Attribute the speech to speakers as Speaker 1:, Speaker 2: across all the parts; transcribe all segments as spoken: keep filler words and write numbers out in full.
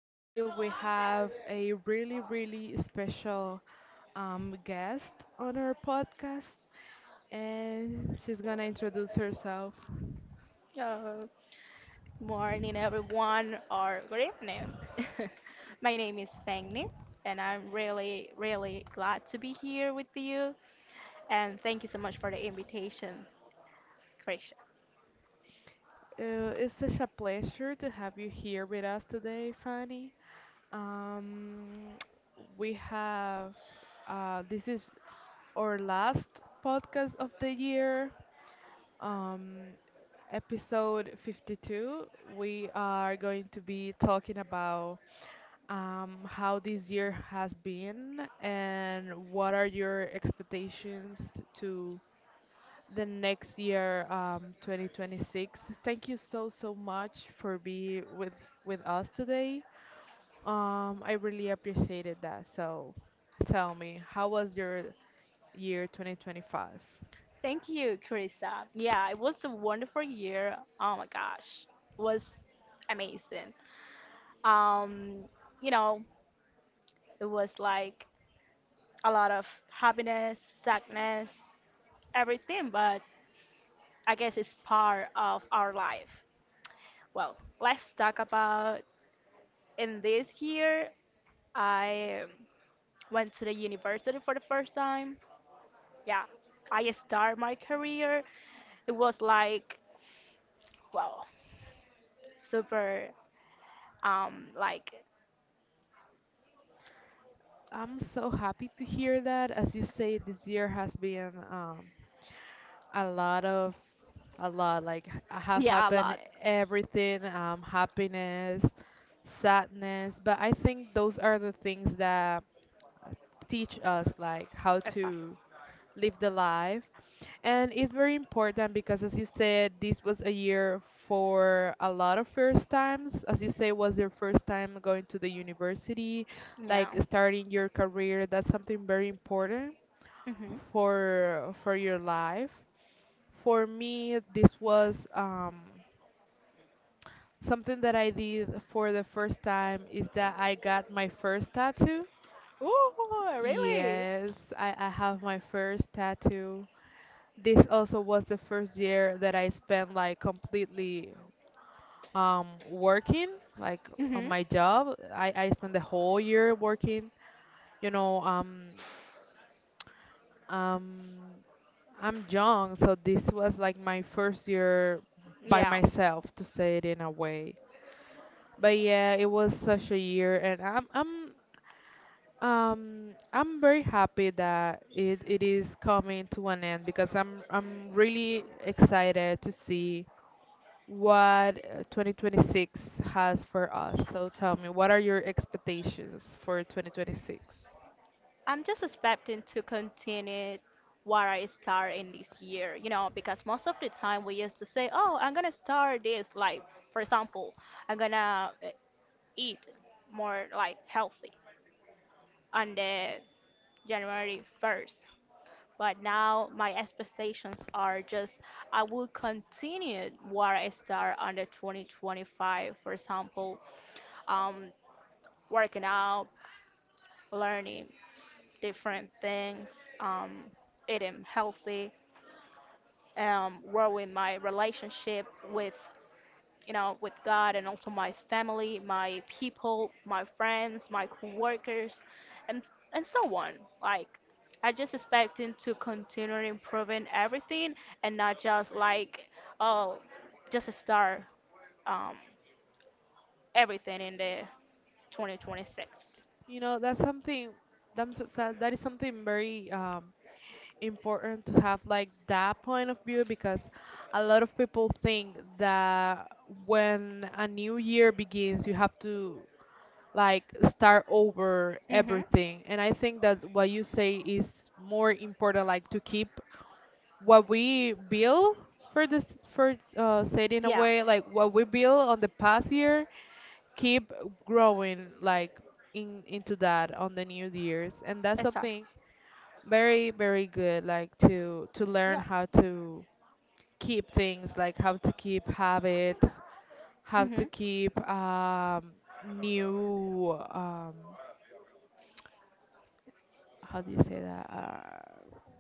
Speaker 1: Today we have a really, really special um, guest on our podcast, and she's gonna introduce herself.
Speaker 2: Uh, Morning, everyone, or good evening. My name is Fengni, and I'm really, really glad to be here with you. And thank you so much for the invitation, Krisha.
Speaker 1: Uh, it's such a pleasure to have you here with us today, Fanny. Um, we have uh, this is our last podcast of the year. Um, Episode fifty-two. We are going to be talking about um, how this year has been and what are your expectations to the next year, um, twenty twenty-six. Thank you so, so much for being with, with us today. Um, I really appreciated that. So tell me, how was your year twenty twenty-five?
Speaker 2: Thank you, Krista. Yeah, it was a wonderful year. Oh my gosh, it was amazing. Um, you know, it was like a lot of happiness, sadness, everything, but I guess it's part of our life. Well, let's talk about in this year I went to the university for the first time. Yeah, I start my career. It was like well, super um like
Speaker 1: I'm so happy to hear that. As you say, this year has been um, a lot of a lot, like h- have
Speaker 2: yeah, a
Speaker 1: happened,
Speaker 2: lot.
Speaker 1: everything, um happiness, sadness, but I think those are the things that uh, teach us, like, how
Speaker 2: Exactly.
Speaker 1: to live the life. And it's very important, because, as you said, this was a year for a lot of first times. As you say, was your first time going to the university,
Speaker 2: Yeah.
Speaker 1: like starting your career. That's something very important
Speaker 2: Mhm.
Speaker 1: for for your life. For me, this was um, something that I did for the first time is that I got my first tattoo.
Speaker 2: Ooh, really?
Speaker 1: Yes, I, I have my first tattoo. This also was the first year that I spent like completely um, working, like on
Speaker 2: Mhm.
Speaker 1: my job. I, I spent the whole year working. You know, um, um, I'm young, so this was like my first year by
Speaker 2: Yeah.
Speaker 1: myself, to say it in a way. But yeah, it was such a year, and I'm I'm um I'm very happy that it, it is coming to an end, because I'm I'm really excited to see what uh, twenty twenty-six has for us. So tell me, what are your expectations for twenty twenty-six?
Speaker 2: I'm just expecting to continue what I start in this year, you know, because most of the time we used to say, "Oh, I'm gonna start this." Like, for example, I'm gonna uh, eat more like healthy on the January first. But now my expectations are just I will continue where I start on the twenty twenty-five. For example, um, working out, learning different things, um, eating healthy, um, growing my relationship with you know, with God and also my family, my people, my friends, my coworkers, and and so on. Like I just expecting to continue improving everything and not just like oh, just start um, everything in the twenty twenty-six.
Speaker 1: You know, that's something that's, that that is something very um important to have, like that point of view, because a lot of people think that when a new year begins, you have to, like, start over
Speaker 2: Mm-hmm.
Speaker 1: everything. And I think that what you say is more important, like to keep what we build for this, for uh, said in a
Speaker 2: Yeah,
Speaker 1: way, like what we build on the past year. Keep growing, like in into that, on the new years. And that's
Speaker 2: exactly.
Speaker 1: something very, very good, like to to learn
Speaker 2: Yeah.
Speaker 1: how to keep things, like how to keep habits, how to
Speaker 2: Mhm.
Speaker 1: keep um new, um how do you say that, uh,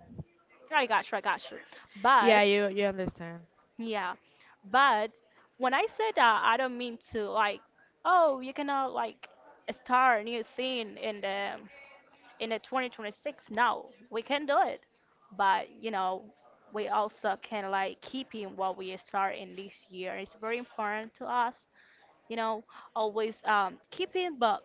Speaker 2: I got you. I got you. But
Speaker 1: yeah, you you understand?
Speaker 2: yeah, but when I say that, I don't mean to like, oh, you cannot like start a new thing in the in the twenty twenty-six. No, we can do it, but you know, we also can like keep in what we start in this year. It's very important to us, you know, always um keeping, but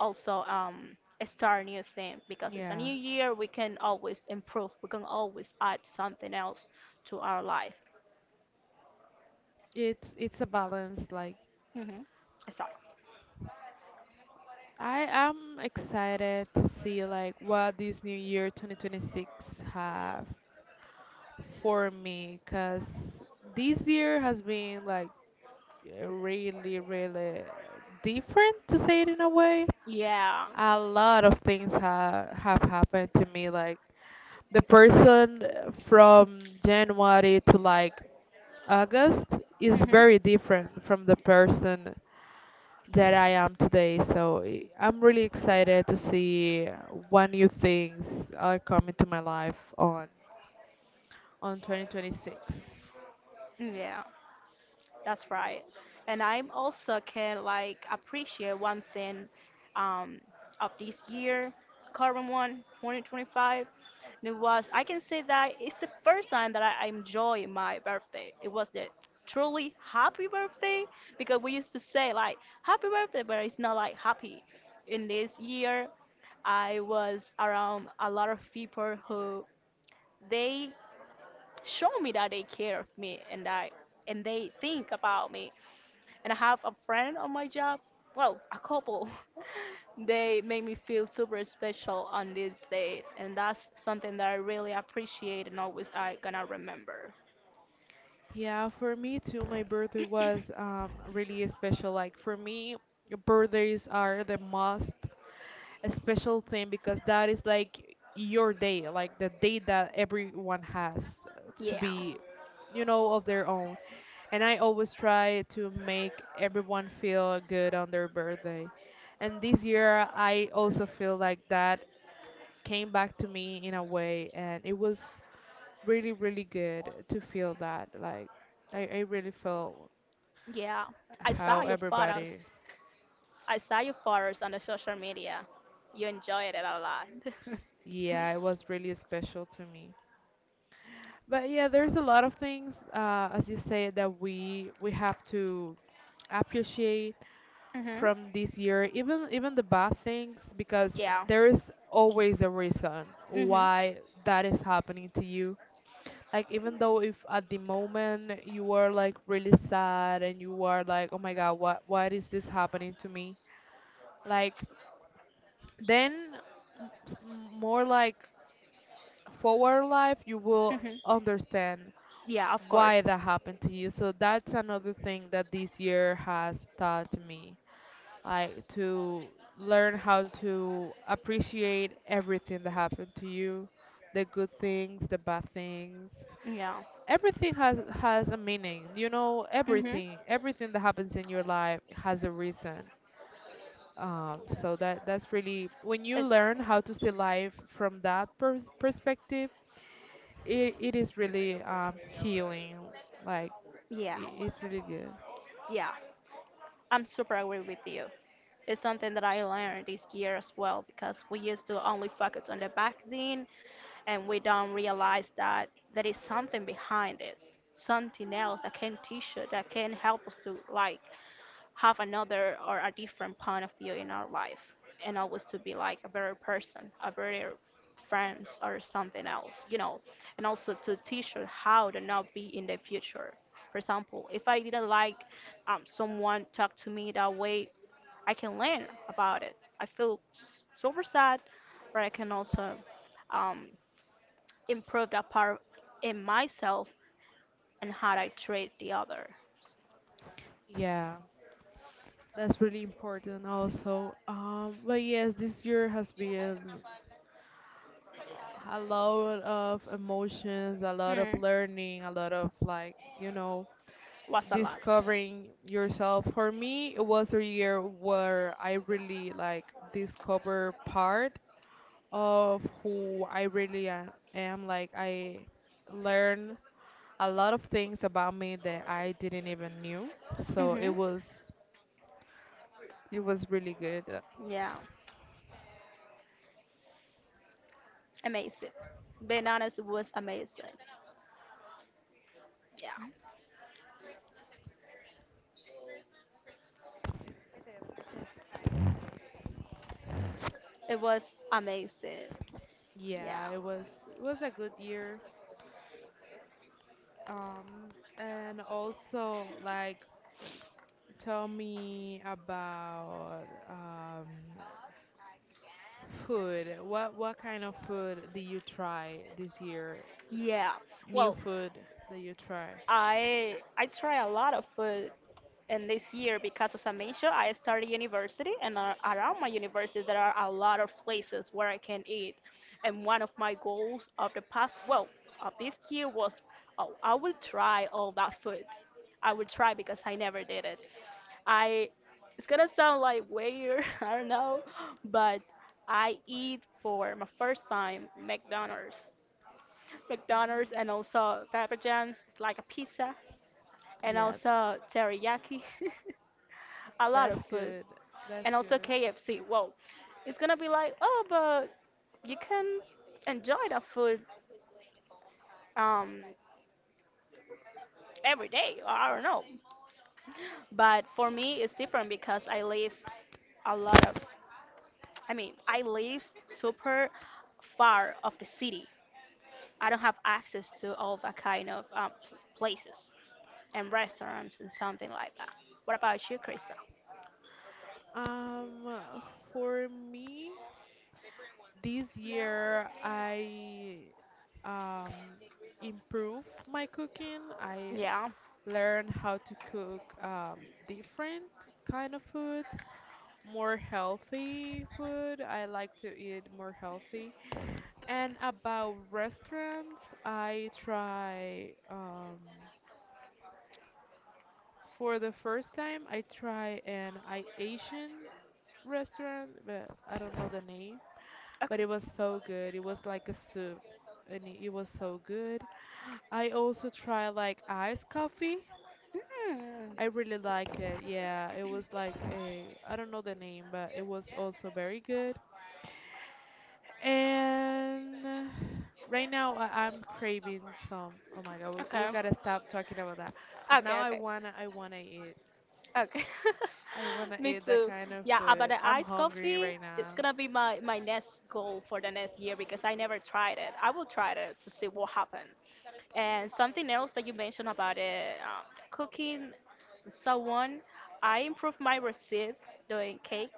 Speaker 2: also um start a new thing because it's a
Speaker 1: Yeah,
Speaker 2: new year. We can always improve. We can always add something else to our life.
Speaker 1: it's it's a balance. Like,
Speaker 2: Mm-hmm. Sorry.
Speaker 1: I am excited to see like what this new year twenty twenty-six have for me, because this year has been like uh, really, really different to say it in a way.
Speaker 2: Yeah.
Speaker 1: A lot of things ha have happened to me. Like the person from January to like August is
Speaker 2: Mhm.
Speaker 1: very different from the person that I am today. So i- I'm really excited to see what new things are coming to my life on on twenty twenty-six.
Speaker 2: Yeah, that's right. And I'm also can like appreciate one thing um of this year, current one twenty twenty five. And it was I can say that it's the first time that I enjoy my birthday. It was the truly happy birthday because we used to say like happy birthday, but it's not like happy. In this year, I was around a lot of people who they show me that they care of me and I and they think about me. And I have a friend on my job, well, a couple. They make me feel super special on this day, and that's something that I really appreciate and always I gonna remember.
Speaker 1: Yeah, for me too, my birthday was um, really special. Like for me, birthdays are the most special thing, because that is like your day, like the day that everyone has uh, to
Speaker 2: Yeah,
Speaker 1: be, you know, of their own. And I always try to make everyone feel good on their birthday. And this year, I also feel like that came back to me in a way, and it was really, really good to feel that, like, I, I really felt
Speaker 2: yeah. I
Speaker 1: how
Speaker 2: saw your
Speaker 1: everybody.
Speaker 2: photos. I saw your photos on the social media. You enjoyed it a lot.
Speaker 1: Yeah, it was really special to me. But yeah, there's a lot of things, uh, as you say, that we we have to appreciate
Speaker 2: mhm.
Speaker 1: from this year, even even the bad things, because
Speaker 2: Yeah.
Speaker 1: there is always a reason
Speaker 2: Mhm.
Speaker 1: why that is happening to you. Like, even though if at the moment you are like really sad and you are like, oh my god, what why is this happening to me? Like then, m- s- more like forward life, you will
Speaker 2: Mhm.
Speaker 1: understand
Speaker 2: Yeah, of course.
Speaker 1: why that happened to you. So that's another thing that this year has taught me, like to learn how to appreciate everything that happened to you, the good things, the bad things.
Speaker 2: Yeah.
Speaker 1: Everything has has a meaning. You know,
Speaker 2: Mhm.
Speaker 1: everything, everything, that happens in your life has a reason. Um, so that that's really when you
Speaker 2: It's
Speaker 1: learn how to see life from that pers perspective, it, it is really um, healing. Like
Speaker 2: yeah.
Speaker 1: i- it's really good.
Speaker 2: Yeah. I'm super agree with you. It's something that I learned this year as well because we used to only focus on the vaccine and we don't realize that there is something behind this, something else that can teach you, that can help us to like have another or a different point of view in our life and always to be like a better person, a better friends or something else, you know, and also to teach you how to not be in the future. For example, if I didn't like um, someone talked to me that way I can learn about it. I feel super sad, but I can also um, improve that part in myself and how I treat the other.
Speaker 1: Yeah, that's really important also. Um, but yes, this year has been a lot of emotions, a lot of
Speaker 2: Hmm,
Speaker 1: learning, a lot of, like, you know,
Speaker 2: was a lot.
Speaker 1: discovering yourself. For me, it was a year where I really, like, discover part of who I really am, am. Like I learned a lot of things about me that I didn't even knew. So it
Speaker 2: Hmm.
Speaker 1: was it was really good. Uh,
Speaker 2: Yeah, amazing. Being honest it was amazing. Yeah, it was amazing. Yeah,
Speaker 1: Yeah, it was it was a good year. Um, and also, like, tell me about um, food. What what kind of food did you try this year?
Speaker 2: yeah.
Speaker 1: New
Speaker 2: Well,
Speaker 1: food that you try?
Speaker 2: I I try a lot of food and this year, because as I mentioned, I started university, and uh, around my university there are a lot of places where I can eat. And one of my goals of the past, well, of this year was, oh, I will try all that food. I will try because I never did it. I, it's gonna sound like weird, I don't know, but I eat for my first time McDonald's, McDonald's, and also Papa John's, it's like a pizza, and
Speaker 1: Yeah,
Speaker 2: also teriyaki. A lot of
Speaker 1: that's
Speaker 2: food,
Speaker 1: good. That's
Speaker 2: and also
Speaker 1: good.
Speaker 2: K F C. Whoa, it's gonna be like, oh, but you can enjoy that food um, every day. Or I don't know, but for me, it's different because I live a lot of. I mean, I live super far of the city. I don't have access to all that kind of um, pl- places and restaurants and something like that. What about you, Krista?
Speaker 1: Um, for me, this year I um, improve my cooking. I
Speaker 2: Yeah.
Speaker 1: learn how to cook um, different kind of foods, more healthy food. I like to eat more healthy. And about restaurants, I try, um, for the first time I try an I Asian restaurant, but I don't know the name, but
Speaker 2: Okay.
Speaker 1: it was so good. It was like a soup, and it it was so good. I also tried like iced coffee.
Speaker 2: Mm.
Speaker 1: I really like it. Yeah, it was like a I don't know the name, but it was also very good. And uh, right now, I, I'm craving some. Oh my God, we, we
Speaker 2: Okay.
Speaker 1: gotta stop talking about that, cause now
Speaker 2: Okay.
Speaker 1: I
Speaker 2: Okay.
Speaker 1: wanna I wanna eat.
Speaker 2: Okay.
Speaker 1: I wanna
Speaker 2: Me
Speaker 1: eat that
Speaker 2: too.
Speaker 1: kind of
Speaker 2: Yeah, about
Speaker 1: food.
Speaker 2: the
Speaker 1: I'm
Speaker 2: iced
Speaker 1: hungry
Speaker 2: coffee,
Speaker 1: right
Speaker 2: it's
Speaker 1: now.
Speaker 2: gonna be my my next goal for the next year because I never tried it. I will try it to see what happened. And something else that you mentioned about it, um, cooking someone, I improved my recipe doing cakes.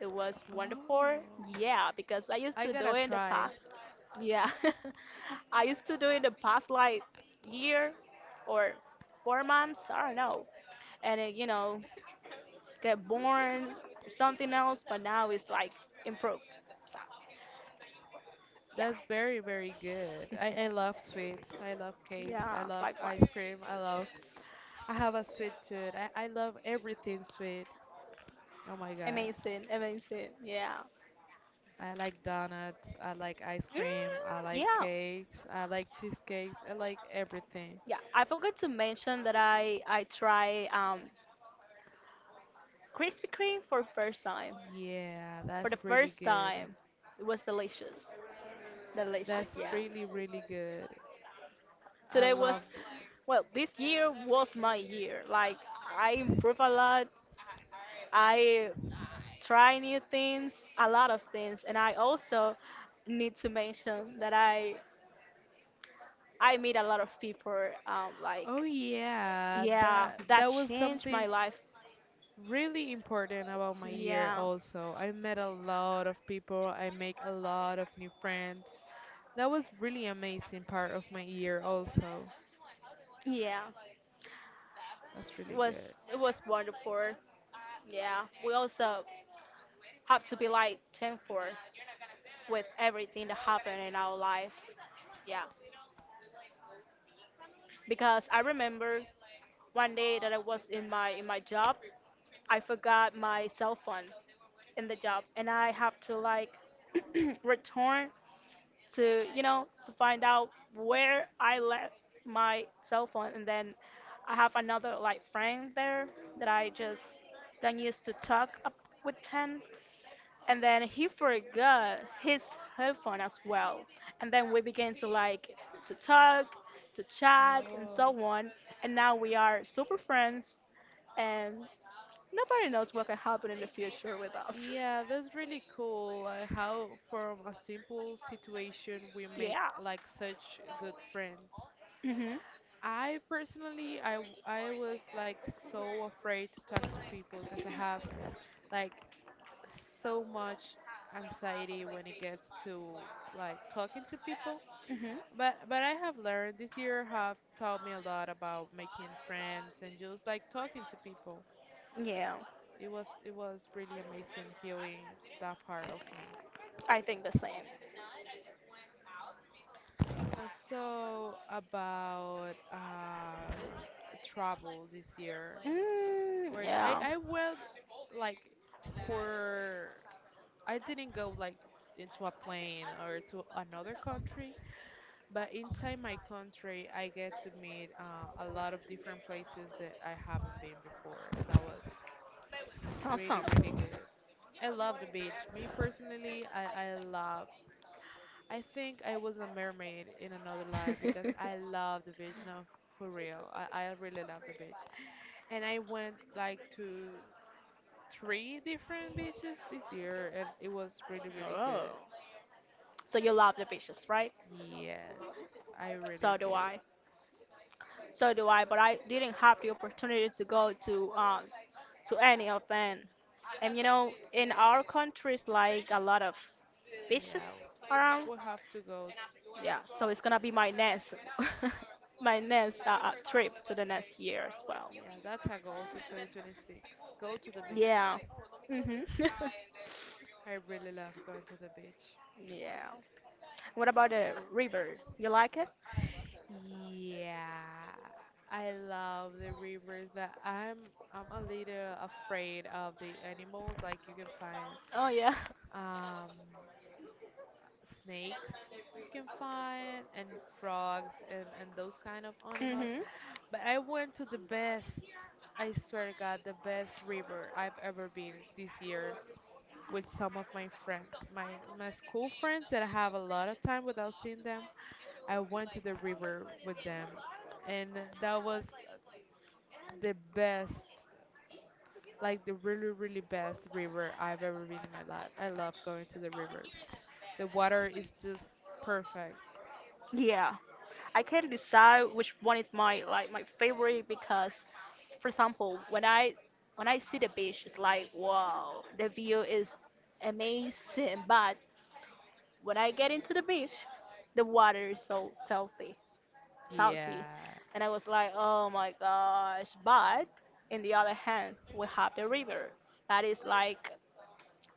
Speaker 2: It was wonderful.
Speaker 1: Oh,
Speaker 2: Yeah, because I used
Speaker 1: I
Speaker 2: to
Speaker 1: gotta
Speaker 2: do it in the
Speaker 1: try.
Speaker 2: past. Yeah. I used to do it in the past like year or four months, I don't know and it, you know get born or something else, but now it's like improved. So yeah,
Speaker 1: That's very, very good. I, I love sweets. I love cakes. I
Speaker 2: yeah,
Speaker 1: love
Speaker 2: likewise.
Speaker 1: ice cream. I love. I have a sweet tooth. I, I love everything sweet. Oh my God.
Speaker 2: Amazing, amazing. Yeah.
Speaker 1: I like donuts. I like ice cream. I
Speaker 2: Mm,
Speaker 1: like
Speaker 2: yeah,
Speaker 1: cakes. I like cheesecakes. I like everything.
Speaker 2: yeah. I forgot to mention that I I try um Krispy Kreme for first time.
Speaker 1: Yeah,
Speaker 2: For
Speaker 1: that's
Speaker 2: the
Speaker 1: really
Speaker 2: first
Speaker 1: good.
Speaker 2: time, it was delicious, delicious.
Speaker 1: That's
Speaker 2: Yeah.
Speaker 1: really, really good. I
Speaker 2: Today was,
Speaker 1: loved.
Speaker 2: well, this year was my year. Like I improved a lot. I try new things, a lot of things. And I also need to mention that I I meet a lot of people. Um,
Speaker 1: Oh
Speaker 2: like
Speaker 1: yeah,
Speaker 2: yeah,
Speaker 1: that that
Speaker 2: that
Speaker 1: was
Speaker 2: changed
Speaker 1: something
Speaker 2: my life.
Speaker 1: really important about my year
Speaker 2: Yeah,
Speaker 1: also. I met a lot of people, I make a lot of new friends. That was really amazing part of my year also.
Speaker 2: yeah,
Speaker 1: That's really
Speaker 2: it was
Speaker 1: good.
Speaker 2: it was wonderful. Yeah, we also have to be like thankful with everything that happened in our life. Yeah, because I remember one day that I was in my in my job, I forgot my cell phone in the job and I have to like return to you know to find out where I left my cell phone and then I have another like friend there that I just don't used to talk up with him and then he forgot his headphone as well and then we began to like to talk to chat and
Speaker 1: Oh.
Speaker 2: so on and now we are super friends and nobody knows what can happen in the future with us
Speaker 1: Yeah, that's really cool. uh, How from a simple situation we make
Speaker 2: yeah.
Speaker 1: like such good friends.
Speaker 2: Hmm.
Speaker 1: I personally, I w- I was like so afraid to talk to people, because I have, like, so much anxiety when it gets to like talking to people.
Speaker 2: Hmm.
Speaker 1: But but I have learned, this year have taught me a lot about making friends and just like talking to people.
Speaker 2: Yeah,
Speaker 1: It was it was really amazing, healing that part of me.
Speaker 2: I think the same.
Speaker 1: Also about, um, travel this year,
Speaker 2: Mm,
Speaker 1: where I
Speaker 2: yeah,
Speaker 1: I went, like for I didn't go like into a plane or to another country. But inside my country, I get to meet, uh, a lot of different places that I haven't been before, and that was really, really
Speaker 2: awesome.
Speaker 1: good. I love the beach. Me personally, I, I love. I think I was a mermaid in another life because I love the beach. No, for real, I, I really love the beach. And I went like to three different beaches this year, and it was really, really
Speaker 2: Oh.
Speaker 1: good.
Speaker 2: So you love the beaches, right?
Speaker 1: Yes, I really
Speaker 2: So
Speaker 1: do.
Speaker 2: do I. So do I, but I didn't have the opportunity to go to um to any of them. And you know, in our country, it's like a lot of beaches
Speaker 1: Yeah,
Speaker 2: around.
Speaker 1: we'll have to go.
Speaker 2: Yeah, so it's gonna be my next, my next uh, uh, trip to the next year as well.
Speaker 1: Yeah, that's our goal to twenty twenty-six. Go to the beach.
Speaker 2: Yeah. Mhm.
Speaker 1: I really love going to the beach.
Speaker 2: Yeah. What about the river? You like it?
Speaker 1: Yeah, I love the rivers, but I'm I'm a little afraid of the animals. Like you can find,
Speaker 2: Oh yeah.
Speaker 1: um snakes, you can find, and frogs, and and those kind of animals.
Speaker 2: Hmm.
Speaker 1: But I went to the best, I swear to God, the best river I've ever been this year, with some of my friends, my my school friends that I have a lot of time without seeing them. I went to the river with them, and that was the best, like the really, really best river I've ever been in my life. I love going to the rivers. The water is just perfect.
Speaker 2: Yeah. I can't decide which one is my like my favorite because for example when I when I see the beach it's like wow the view is amazing but when I get into the beach, the water is so salty, salty,
Speaker 1: Yeah,
Speaker 2: and I was like, oh my gosh. But in the other hand, we have the river. That is like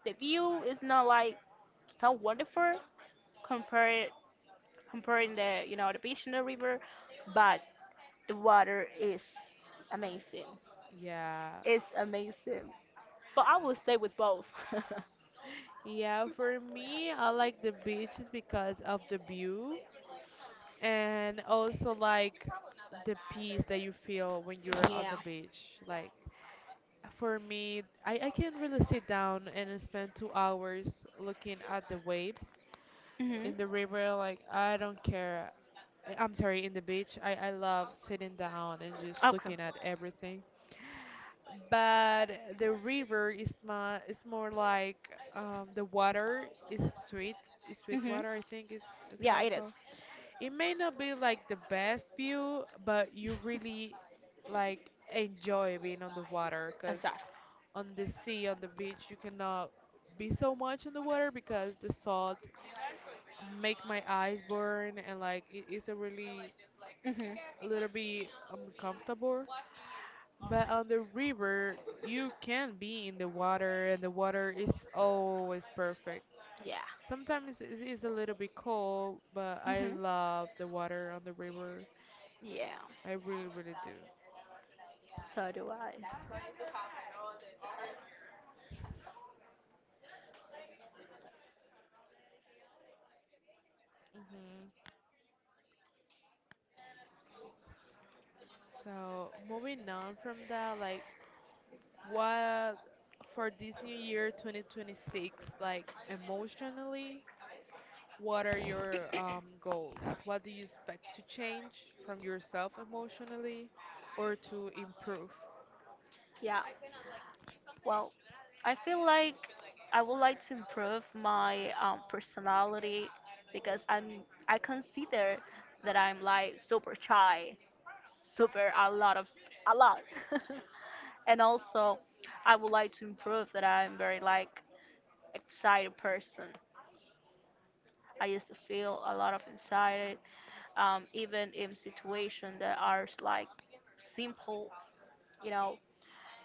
Speaker 2: the view is not like so wonderful compared comparing the you know the beach and the river, but the water is amazing.
Speaker 1: yeah,
Speaker 2: It's amazing. But I will stay with both.
Speaker 1: yeah. For me, I like the beaches because of the view. And also like the peace that you feel when you're on
Speaker 2: Yeah.
Speaker 1: the beach. Like for me, I, I can really sit down and spend two hours looking at the waves.
Speaker 2: Mhm.
Speaker 1: In the river, like I don't care. I- i'm sorry in the beach, i, I love sitting down and just
Speaker 2: Okay.
Speaker 1: looking at everything. But the river is my is more like, um, the water is sweet. Is sweet
Speaker 2: Mhm.
Speaker 1: water, I think is, is how
Speaker 2: Yeah,
Speaker 1: it
Speaker 2: it is.
Speaker 1: called. It may not be like the best view, but you really like enjoy being on the water. Because
Speaker 2: Aside.
Speaker 1: on the sea, on the beach, you cannot be so much in the water because the salt make my eyes burn, and like it is a really
Speaker 2: Mhm.
Speaker 1: a little bit uncomfortable. But on the river, you can be in the water and the water is always perfect.
Speaker 2: Yeah,
Speaker 1: Sometimes it is a little bit cold, but I
Speaker 2: hmm
Speaker 1: love the water on the river.
Speaker 2: yeah.
Speaker 1: I really, really do.
Speaker 2: So do I.
Speaker 1: Hmm. So moving on from that, like what for this new year twenty twenty-six, like emotionally, what are your um, goals? What do you expect to change from yourself emotionally or to improve?
Speaker 2: Yeah, well, I feel like I would like to improve my um, personality because I'm I consider that I'm like super shy, super a lot of a lot. And also I would like to improve that I'm very like excited person. I used to feel a lot of anxiety um, even in situations that are like simple, you know,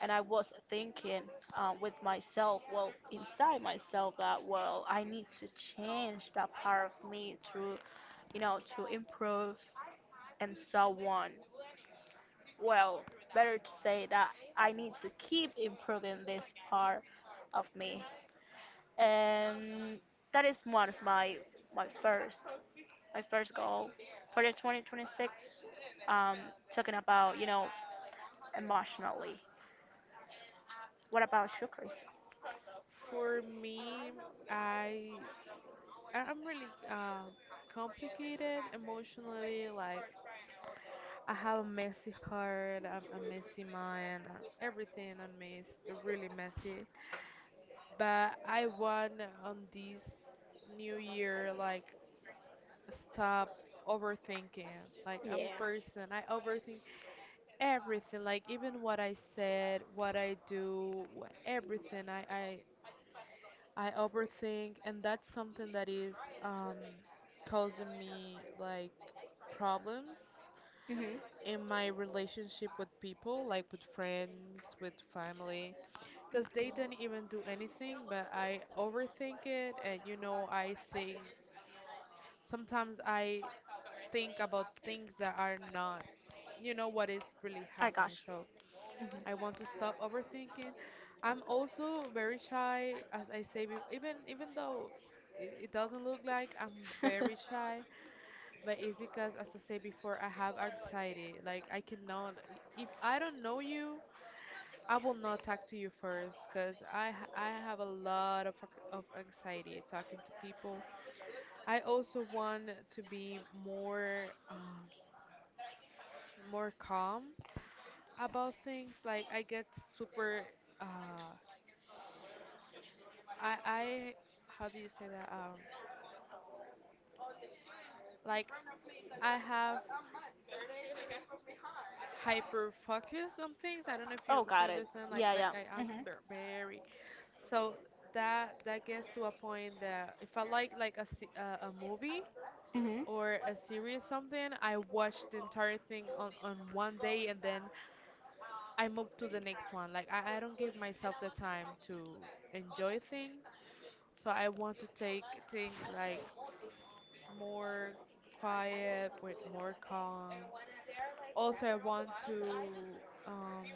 Speaker 2: and I was thinking uh, with myself, well, inside myself, that well, I need to change that part of me to, you know, to improve and so on. Well, better to say that I need to keep improving this part of me, and that is one of my my first my first goal for the twenty twenty-six. Um, Talking about you know emotionally. What about you, Chris?
Speaker 1: For me, I I- I'm really uh, complicated emotionally. Like I have a messy heart, a, a messy mind, uh, everything on me is really messy. But I want on this new year like stop overthinking. Like I'm
Speaker 2: Yeah.
Speaker 1: a person, I overthink everything, like even what I said, what I do, wh- everything. I I I overthink and that's something that is um causing me like problems
Speaker 2: Hmm.
Speaker 1: in my relationship with people, like with friends, with family. Because they didn't even do anything, but I overthink it, and you know, I think sometimes I think about things that are not, you know, what is really
Speaker 2: I
Speaker 1: happening.
Speaker 2: gosh.
Speaker 1: So
Speaker 2: Mhm.
Speaker 1: I want to stop overthinking. I'm also very shy, as I say, be- even even though it, it doesn't look like I'm very shy, but it's because, as I say before, I have anxiety. Like I cannot, if I don't know you, I will not talk to you first because I ha- I have a lot of ac- of anxiety talking to people. I also want to be more um, more calm about things. Like I get super uh I I how do you say that, um like I have hyper focus on things. I don't know if
Speaker 2: Oh,
Speaker 1: you if
Speaker 2: got
Speaker 1: you
Speaker 2: it.
Speaker 1: understand. Like
Speaker 2: Yeah, yeah.
Speaker 1: like I am
Speaker 2: Mhm.
Speaker 1: ver- very. So that that gets to a point that if I like like a se- uh, a movie
Speaker 2: Mhm.
Speaker 1: or a series, something I watched the entire thing on, on one day, and then I move to the next one. Like I, I don't give myself the time to enjoy things. So I want to take things like more quiet, with more calm. Also I want to um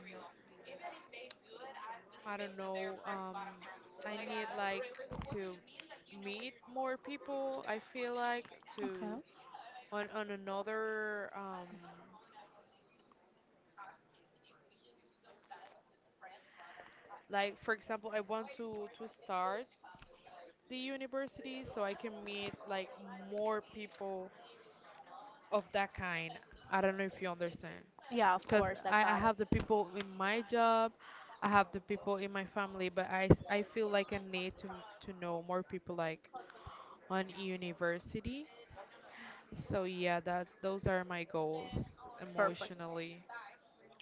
Speaker 1: I don't know um I need like to meet more people, I feel like,
Speaker 2: Okay.
Speaker 1: to on on another, um like for example, I want to to start the university so I can meet like more people of that kind. I don't know if you understand.
Speaker 2: Yeah, of
Speaker 1: Cause
Speaker 2: course, I
Speaker 1: I, I
Speaker 2: got
Speaker 1: have the
Speaker 2: it.
Speaker 1: people in my job, I have the people in my family, but I, s- I feel like I need to to know more people like on university. So yeah, that those are my goals
Speaker 2: Perfect.
Speaker 1: emotionally.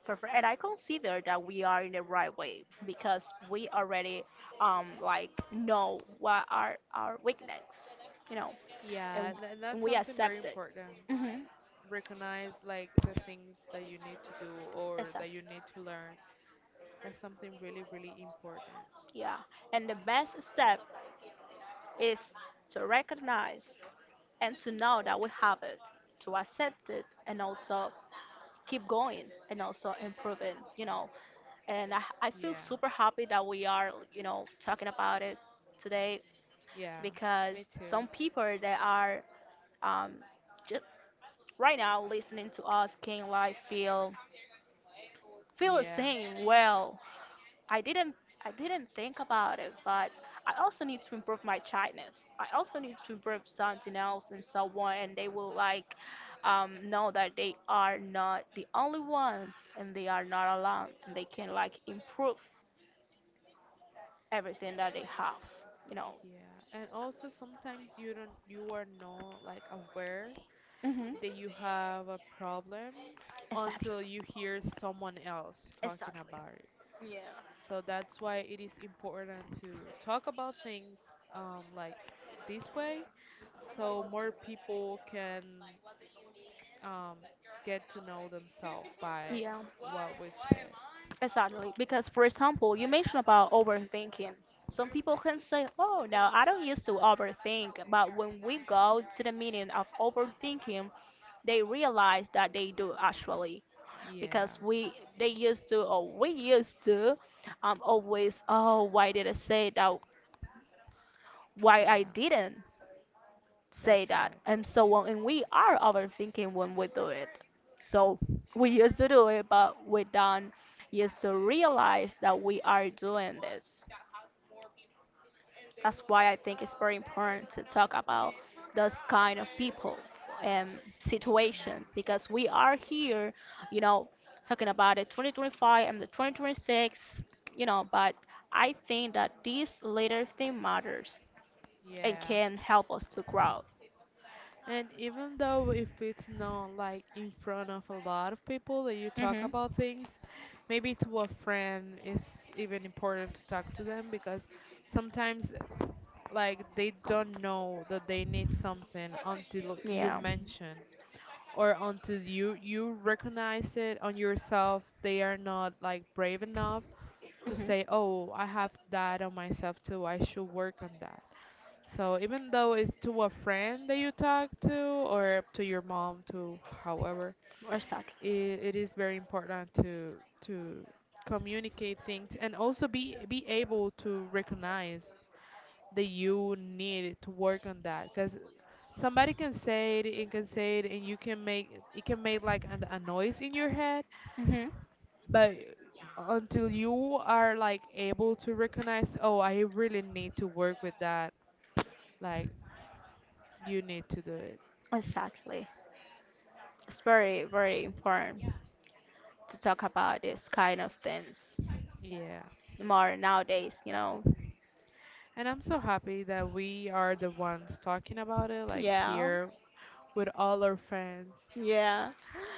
Speaker 2: Perfect. And I consider that we are in the right way because we already um like know what are our weakness, you know, and
Speaker 1: Yeah, and
Speaker 2: and
Speaker 1: that's
Speaker 2: we
Speaker 1: something very
Speaker 2: accept it.
Speaker 1: important.
Speaker 2: Mhm.
Speaker 1: Recognize like the things that you need to do or that
Speaker 2: Exactly.
Speaker 1: you need to learn. That's something really, really important.
Speaker 2: Yeah. And the best step is to recognize and to know that we have it, to accept it, and also keep going and also improving, you know. And I, I feel
Speaker 1: Yeah.
Speaker 2: super happy that we are, you know, talking about it today
Speaker 1: Yeah.
Speaker 2: because
Speaker 1: Me too.
Speaker 2: some people that are um, just right now listening to us can like feel feel the
Speaker 1: Yeah.
Speaker 2: same well I didn't I didn't think about it, but I also need to improve my shyness. I also need to improve something else in someone, and they will like um, know that they are not the only one, and they are not alone, and they can like improve everything that they have. You know.
Speaker 1: Yeah. And also sometimes you don't you are not like aware
Speaker 2: Mhm.
Speaker 1: that you have a problem
Speaker 2: Exactly,
Speaker 1: until you hear someone else talking
Speaker 2: exactly.
Speaker 1: about it.
Speaker 2: Yeah.
Speaker 1: So that's why it is important to talk about things, um, like this way, so more people can um, get to know themselves by
Speaker 2: Yeah.
Speaker 1: what we said.
Speaker 2: Exactly, because for example, you mentioned about overthinking. Some people can say, "Oh, no, I don't used to overthink," but when we go to the meaning of overthinking, they realize that they do actually,
Speaker 1: Yeah,
Speaker 2: because we they used to or we used to, um, always, oh, why did I say that? Why I
Speaker 1: yeah,
Speaker 2: didn't? Say
Speaker 1: that's
Speaker 2: that
Speaker 1: right.
Speaker 2: and so on, and we are overthinking when we do it. So we used to do it, but we don't used to realize that we are doing this. That's why I think it's very important to talk about those kind of people and
Speaker 1: Yeah,
Speaker 2: situation, because we are here, you know, talking about the twenty twenty-five and the twenty twenty-six, you know. But I think that this little thing matters and
Speaker 1: yeah.
Speaker 2: can help us to grow.
Speaker 1: And even though if it's not like in front of a lot of people that you talk
Speaker 2: Hmm.
Speaker 1: about things, maybe to a friend it's even important to talk to them because sometimes like they don't know that they need something until you
Speaker 2: Yeah.
Speaker 1: mention, or until you you recognize it on yourself. They are not like brave enough to
Speaker 2: Hmm.
Speaker 1: say, oh, I have that on myself too. I should work on that. So even though it's to a friend that you talk to, or to your mom, to however,
Speaker 2: Exactly.
Speaker 1: it, it is very important to to communicate things, and also be be able to recognize that you need to work on that. Because somebody can say it and can say it and you can make it can make like an, a noise in your head,
Speaker 2: Hmm.
Speaker 1: but until you are like able to recognize, oh, I really need to work with that, like you need to do it.
Speaker 2: Exactly. It's very, very important to talk about this kind of things
Speaker 1: Yeah.
Speaker 2: more nowadays, you know.
Speaker 1: And I'm so happy that we are the ones talking about it, like
Speaker 2: Yeah.
Speaker 1: here with all our friends.
Speaker 2: Yeah.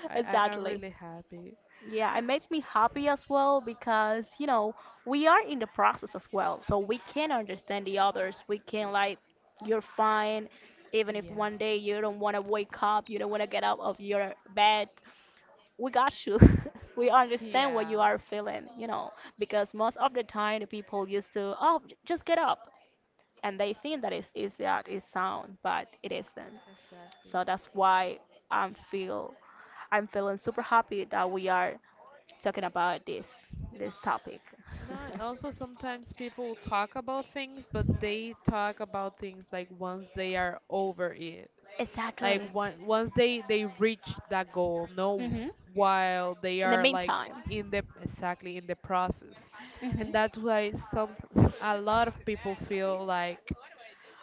Speaker 1: I, I am
Speaker 2: Exactly.
Speaker 1: really happy.
Speaker 2: Yeah, it makes me happy as well because, you know, we are in the process as well. So we can understand the others. We can like, you're fine even if
Speaker 1: Yeah.
Speaker 2: one day you don't want to wake up, you don't want to get out of your bed. We got you. We understand what you
Speaker 1: Yeah,
Speaker 2: are feeling, you know, because most of the time the people used to, oh, j- just get up. And they think that it's easy, that it's sound, but it isn't.
Speaker 1: exactly.
Speaker 2: So that's why I'm feel, I'm feeling super happy that we are talking about this, this topic.
Speaker 1: You know, and also sometimes people talk about things, but they talk about things like once they are over it. Like
Speaker 2: Exactly.
Speaker 1: one, once they they reach that goal. No,
Speaker 2: Hmm.
Speaker 1: while they
Speaker 2: In the
Speaker 1: are like,
Speaker 2: meantime.
Speaker 1: in the exactly in the process.
Speaker 2: Hmm.
Speaker 1: And that's why some a lot of people feel like,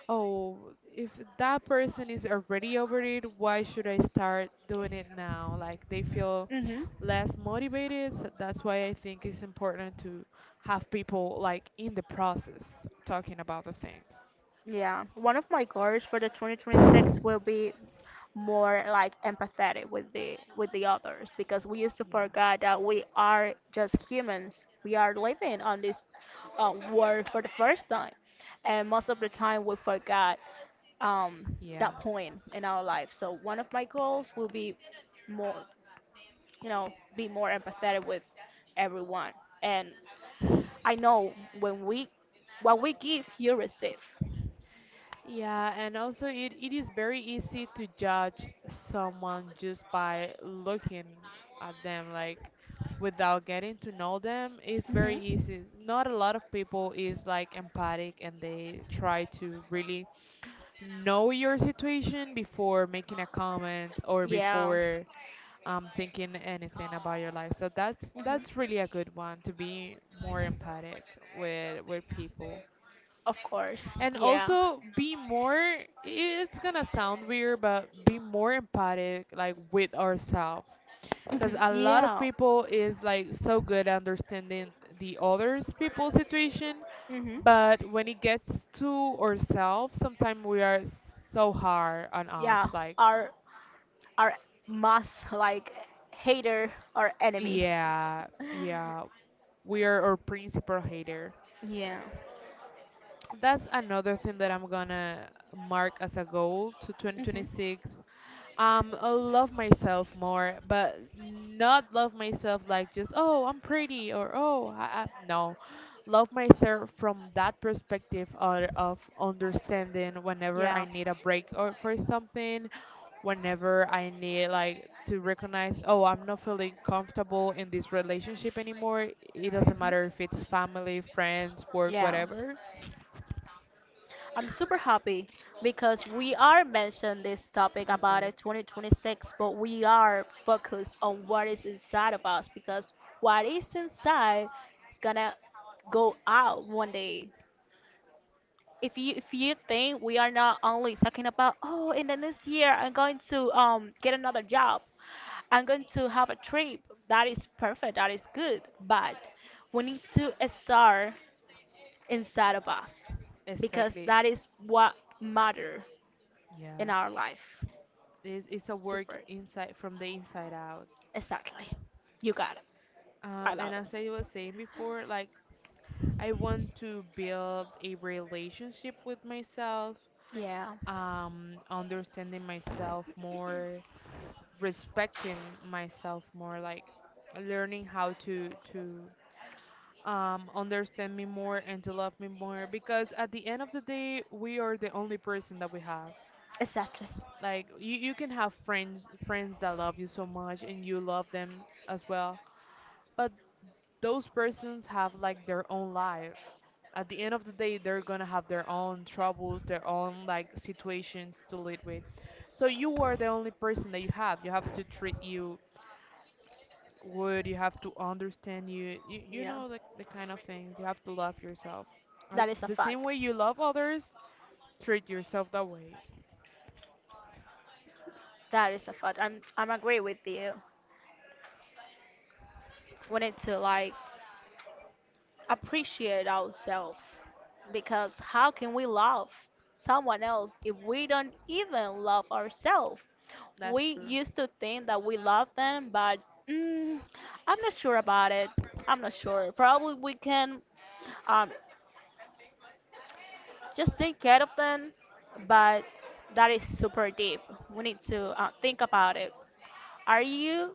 Speaker 1: oh, if that person is already over it, why should I start doing it now? Like they feel
Speaker 2: Hmm.
Speaker 1: less motivated. So that's why I think it's important to have people like in the process talking about the things.
Speaker 2: Yeah, one of my goals for the two thousand twenty-six will be more like empathetic with the with the others, because we used to
Speaker 1: Yeah,
Speaker 2: forget that we are just humans. We are living on this uh, world for the first time, and most of the time we forgot um, that
Speaker 1: yeah.
Speaker 2: point in our life. So one of my goals will be more, you know, be more empathetic with everyone. And I know, when we, what we give, you receive.
Speaker 1: Yeah, and also it, it is very easy to judge someone just by looking at them, like without getting to know them. It's very
Speaker 2: Hmm.
Speaker 1: easy. Not a lot of people is like empathic and they try to really know your situation before making a comment or
Speaker 2: Yeah.
Speaker 1: before um, thinking anything about your life. So that's
Speaker 2: Hmm.
Speaker 1: that's really a good one, to be more empathic with with people.
Speaker 2: Of course.
Speaker 1: And
Speaker 2: Yeah.
Speaker 1: also be more, it's gonna sound weird, but be more empathic, like with ourselves. Because
Speaker 2: Hmm.
Speaker 1: a lot of
Speaker 2: Yeah.
Speaker 1: people is like so good at understanding the others people's situation,
Speaker 2: Hmm.
Speaker 1: but when it gets to ourselves, sometimes we are so hard on us.
Speaker 2: Yeah.
Speaker 1: Like,
Speaker 2: Our our mass, like, hater or enemy.
Speaker 1: yeah, yeah, we are our principal hater.
Speaker 2: Yeah.
Speaker 1: That's another thing that I'm gonna mark as a goal to
Speaker 2: Hmm.
Speaker 1: twenty twenty-six. um I love myself more, but not love myself like just oh I'm pretty or oh I, I, no, love myself from that perspective or of understanding whenever I
Speaker 2: Yeah.
Speaker 1: need a break or for something, whenever I need like to recognize, oh I'm not feeling comfortable in this relationship anymore. It doesn't
Speaker 2: Hmm.
Speaker 1: matter if it's family, friends, work,
Speaker 2: Yeah.
Speaker 1: whatever.
Speaker 2: I'm super happy because we are mentioned this topic
Speaker 1: I'm
Speaker 2: about
Speaker 1: sorry.
Speaker 2: it twenty twenty-six, but we are focused on what is inside of us, because what is inside is gonna go out one day. If you, if you think, we are not only talking about, oh, in the next year I'm going to um get another job, I'm going to have a trip, that is perfect, that is good, but we need to start inside of us, because
Speaker 1: Exactly.
Speaker 2: that is what matter
Speaker 1: Yeah,
Speaker 2: in our life.
Speaker 1: it's it's a work
Speaker 2: Super.
Speaker 1: inside, from the inside out.
Speaker 2: Exactly. You got it.
Speaker 1: Uh,
Speaker 2: I
Speaker 1: and
Speaker 2: love it.
Speaker 1: as I was saying before, like I want to build a relationship with myself,
Speaker 2: Yeah.
Speaker 1: um, understanding myself more, respecting myself more, like learning how to to um, understand me more and to love me more. Because at the end of the day, we are the only person that we have.
Speaker 2: Exactly.
Speaker 1: Like you, you can have friends friends that love you so much and you love them as well, but those persons have like their own life. At the end of the day, they're gonna have their own troubles, their own like situations to lead with. So you are the only person that you have. You have to treat you good. You have to understand you. You, you
Speaker 2: Yeah.
Speaker 1: know the, the kind of things. You have to love yourself. Uh,
Speaker 2: That is a
Speaker 1: The same
Speaker 2: fact.
Speaker 1: way you love others, treat yourself that way.
Speaker 2: That is a fact. I'm I'm agree with you. We need to like appreciate ourselves, because how can we love someone else if we don't even love ourselves?
Speaker 1: That's
Speaker 2: We
Speaker 1: true.
Speaker 2: used to think that we love them, but, mm, I'm not sure about it. I'm not sure. Probably we can um, just take care of them, but that is super deep. We need to uh, think about it. Are you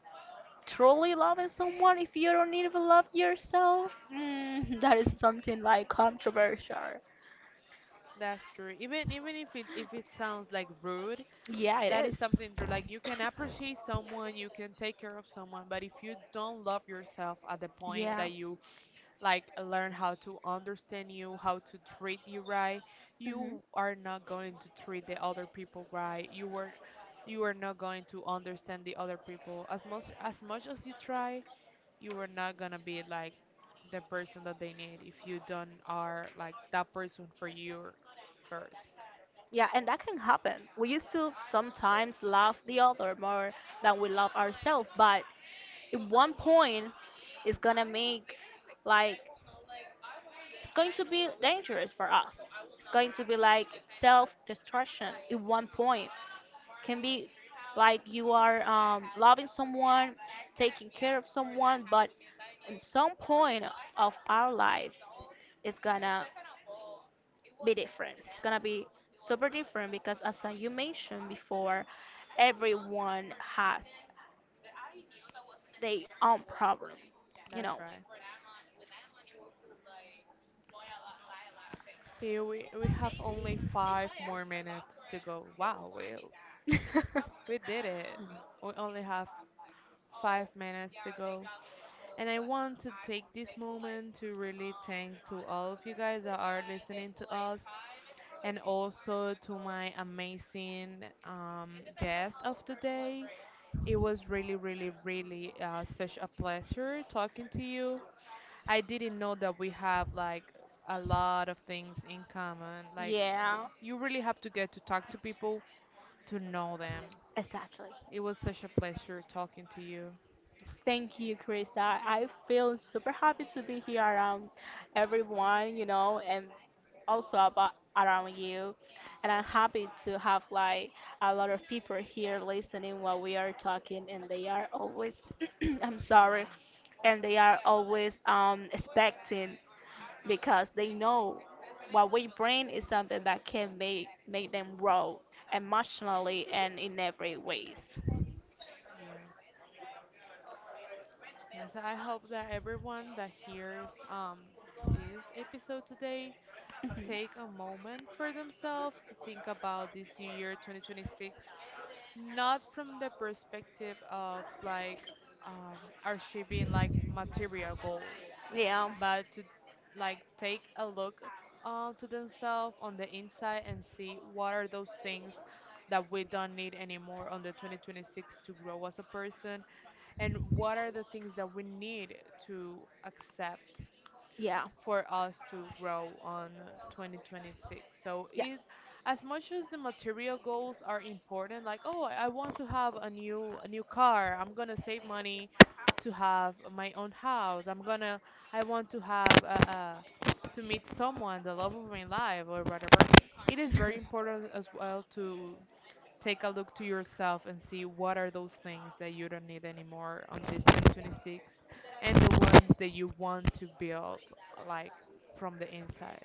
Speaker 2: truly loving someone if you don't even love yourself? Mm, that is something like controversial.
Speaker 1: That's true. Even even if it if it sounds like rude,
Speaker 2: Yeah, it
Speaker 1: that is
Speaker 2: is.
Speaker 1: something true. Like you can appreciate someone, you can take care of someone, but if you don't love yourself at the point
Speaker 2: Yeah.
Speaker 1: that you like learn how to understand you, how to treat you right,
Speaker 2: Hmm.
Speaker 1: you are not going to treat the other people right. You were you are not going to understand the other people. As much as much as you try, you are not gonna be like the person that they need if you don't are like that person for you first.
Speaker 2: Yeah, and that can happen. We used to sometimes love the other more than we love ourselves, but at one point, it's gonna make, like, it's going to be dangerous for us. It's going to be like self-destruction at one point. Can be like you are um, loving someone, taking care of someone, but at some point of our life, it's gonna be different. It's gonna be super different because, as I- you mentioned before, everyone has their own problem, you
Speaker 1: That's
Speaker 2: know.
Speaker 1: right. Here we, we have only five more minutes to go. Wow, we, we did it. We only have five minutes to go. And I want to take this moment to really thank to all of you guys that are listening to us, and also to my amazing um, guest of the day. It was really, really, really uh, such a pleasure talking to you. I didn't know that we have like a lot of things in common. Like w-
Speaker 2: Yeah,
Speaker 1: you really have to get to talk to people to know them.
Speaker 2: exactly.
Speaker 1: It was such a pleasure talking to you.
Speaker 2: Thank you, Chris. I, I feel super happy to be here around everyone, you know, and also about around you. And I'm happy to have like a lot of people here listening what we are talking, and they are always, I'm sorry,
Speaker 1: Yeah,
Speaker 2: and they are always um, expecting, because they know what we bring is something that can make make them grow emotionally and in every ways.
Speaker 1: yeah. Yes, I hope that everyone that hears um this episode today
Speaker 2: Mhm.
Speaker 1: take a moment for themselves to think about this new year twenty twenty-six, not from the perspective of like um, achieving like material goals,
Speaker 2: Yeah.
Speaker 1: but to like take a look uh, to themselves on the inside and see what are those things that we don't need anymore on the twenty twenty-six to grow as a person, and what are the things that we need to accept
Speaker 2: Yeah,
Speaker 1: for us to grow on twenty twenty-six. So
Speaker 2: yeah.
Speaker 1: it, as much as the material goals are important, like oh, I want to have a new a new car. I'm gonna save money to have my own house. I'm gonna I want to have a, a to meet someone, the love of my life, or whatever. It is very important as well to take a look to yourself and see what are those things that you don't need anymore on this twenty twenty-six, and the ones that you want to build like from the inside.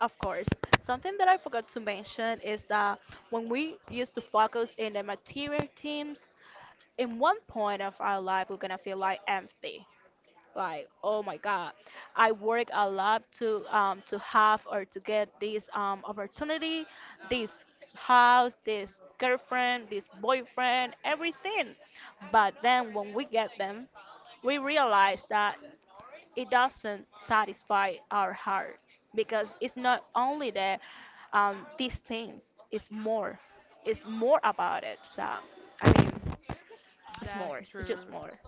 Speaker 2: Of course. Something that I forgot to mention is that when we used to focus in the material teams, in one point of our life, we're gonna feel like empty. Like, oh my God, I work a lot to um to have or to get this um opportunity, this house, this girlfriend, this boyfriend, everything. But then when we get them, we realize that it doesn't satisfy our heart, because it's not only the um, these things. It's more, it's more about it. So I mean, it's
Speaker 1: That's
Speaker 2: more, it's
Speaker 1: true.
Speaker 2: just more.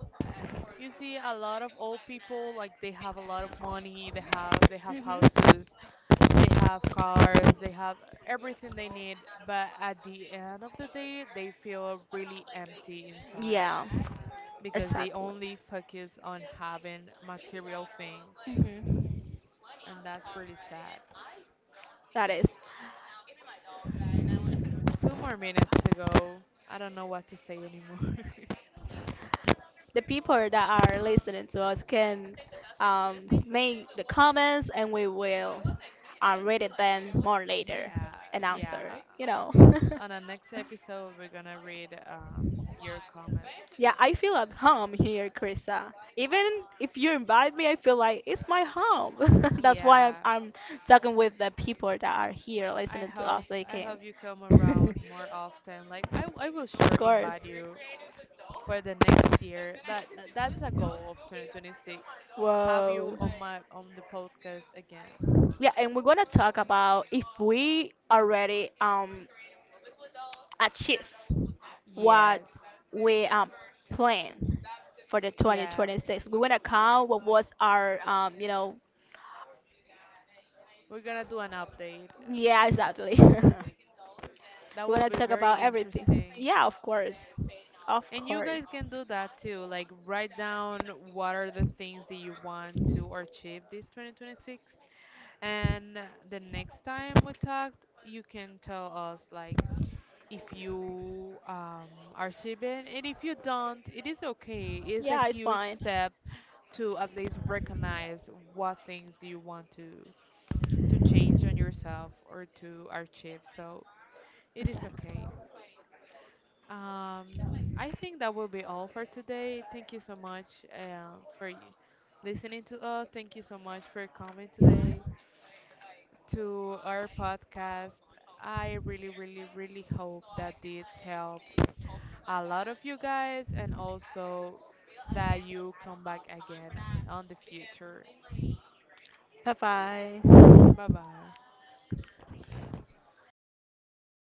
Speaker 1: You see, a lot of old people like they have a lot of money. They have they have
Speaker 2: Hmm.
Speaker 1: houses, they have cars, they have everything they need. But at the end of the day, they feel really empty inside
Speaker 2: Yeah.
Speaker 1: because they
Speaker 2: Exactly.
Speaker 1: only focus on having material things.
Speaker 2: Mhm.
Speaker 1: And that's really sad.
Speaker 2: That is.
Speaker 1: Two more minutes to go. I don't know what to say anymore.
Speaker 2: The people that are listening to us can um, make the comments, and we will um, read it then more later
Speaker 1: yeah,
Speaker 2: and
Speaker 1: yeah.
Speaker 2: answer, you know.
Speaker 1: On the next episode, we're gonna read um, your comments.
Speaker 2: Yeah, I feel at home here, Krista. Even if you invite me, I feel like it's my home. That's why
Speaker 1: Yeah,
Speaker 2: I'm, I'm talking with the people that are here
Speaker 1: I
Speaker 2: listening to
Speaker 1: hope
Speaker 2: us. They
Speaker 1: I hope
Speaker 2: can.
Speaker 1: you come around more often. Like I, I will sure
Speaker 2: Of
Speaker 1: invite
Speaker 2: course.
Speaker 1: you for the next year. That that- that's a goal of twenty twenty-six. Have you
Speaker 2: Whoa.
Speaker 1: on my on the podcast again?
Speaker 2: Yeah, and we're gonna talk about if we already um achieve
Speaker 1: Yes.
Speaker 2: what we um plan for the
Speaker 1: Yeah,
Speaker 2: twenty twenty-six. We wanna count what was our um you know.
Speaker 1: we're gonna do an update.
Speaker 2: Yeah, exactly.
Speaker 1: That will
Speaker 2: We're gonna
Speaker 1: be
Speaker 2: talk
Speaker 1: very
Speaker 2: about everything.
Speaker 1: interesting.
Speaker 2: Yeah, of course. Of
Speaker 1: And you guys
Speaker 2: course.
Speaker 1: can do that too, like write down what are the things that you want to achieve this two thousand twenty-six. And the next time we talk, you can tell us like if you um, achieve it, and if you don't, it is okay. It's a
Speaker 2: Yeah, it's
Speaker 1: huge
Speaker 2: fine.
Speaker 1: step to at least recognize what things do you want to to change on yourself or to achieve. So it
Speaker 2: It's
Speaker 1: is
Speaker 2: that.
Speaker 1: okay. Um, I think that will be all for today. Thank you so much uh, for you listening to us. Thank you so much for coming today to our podcast. I really, really, really hope that this help a lot of you guys and also that you come back again on the future.
Speaker 2: Bye bye.
Speaker 1: Bye bye.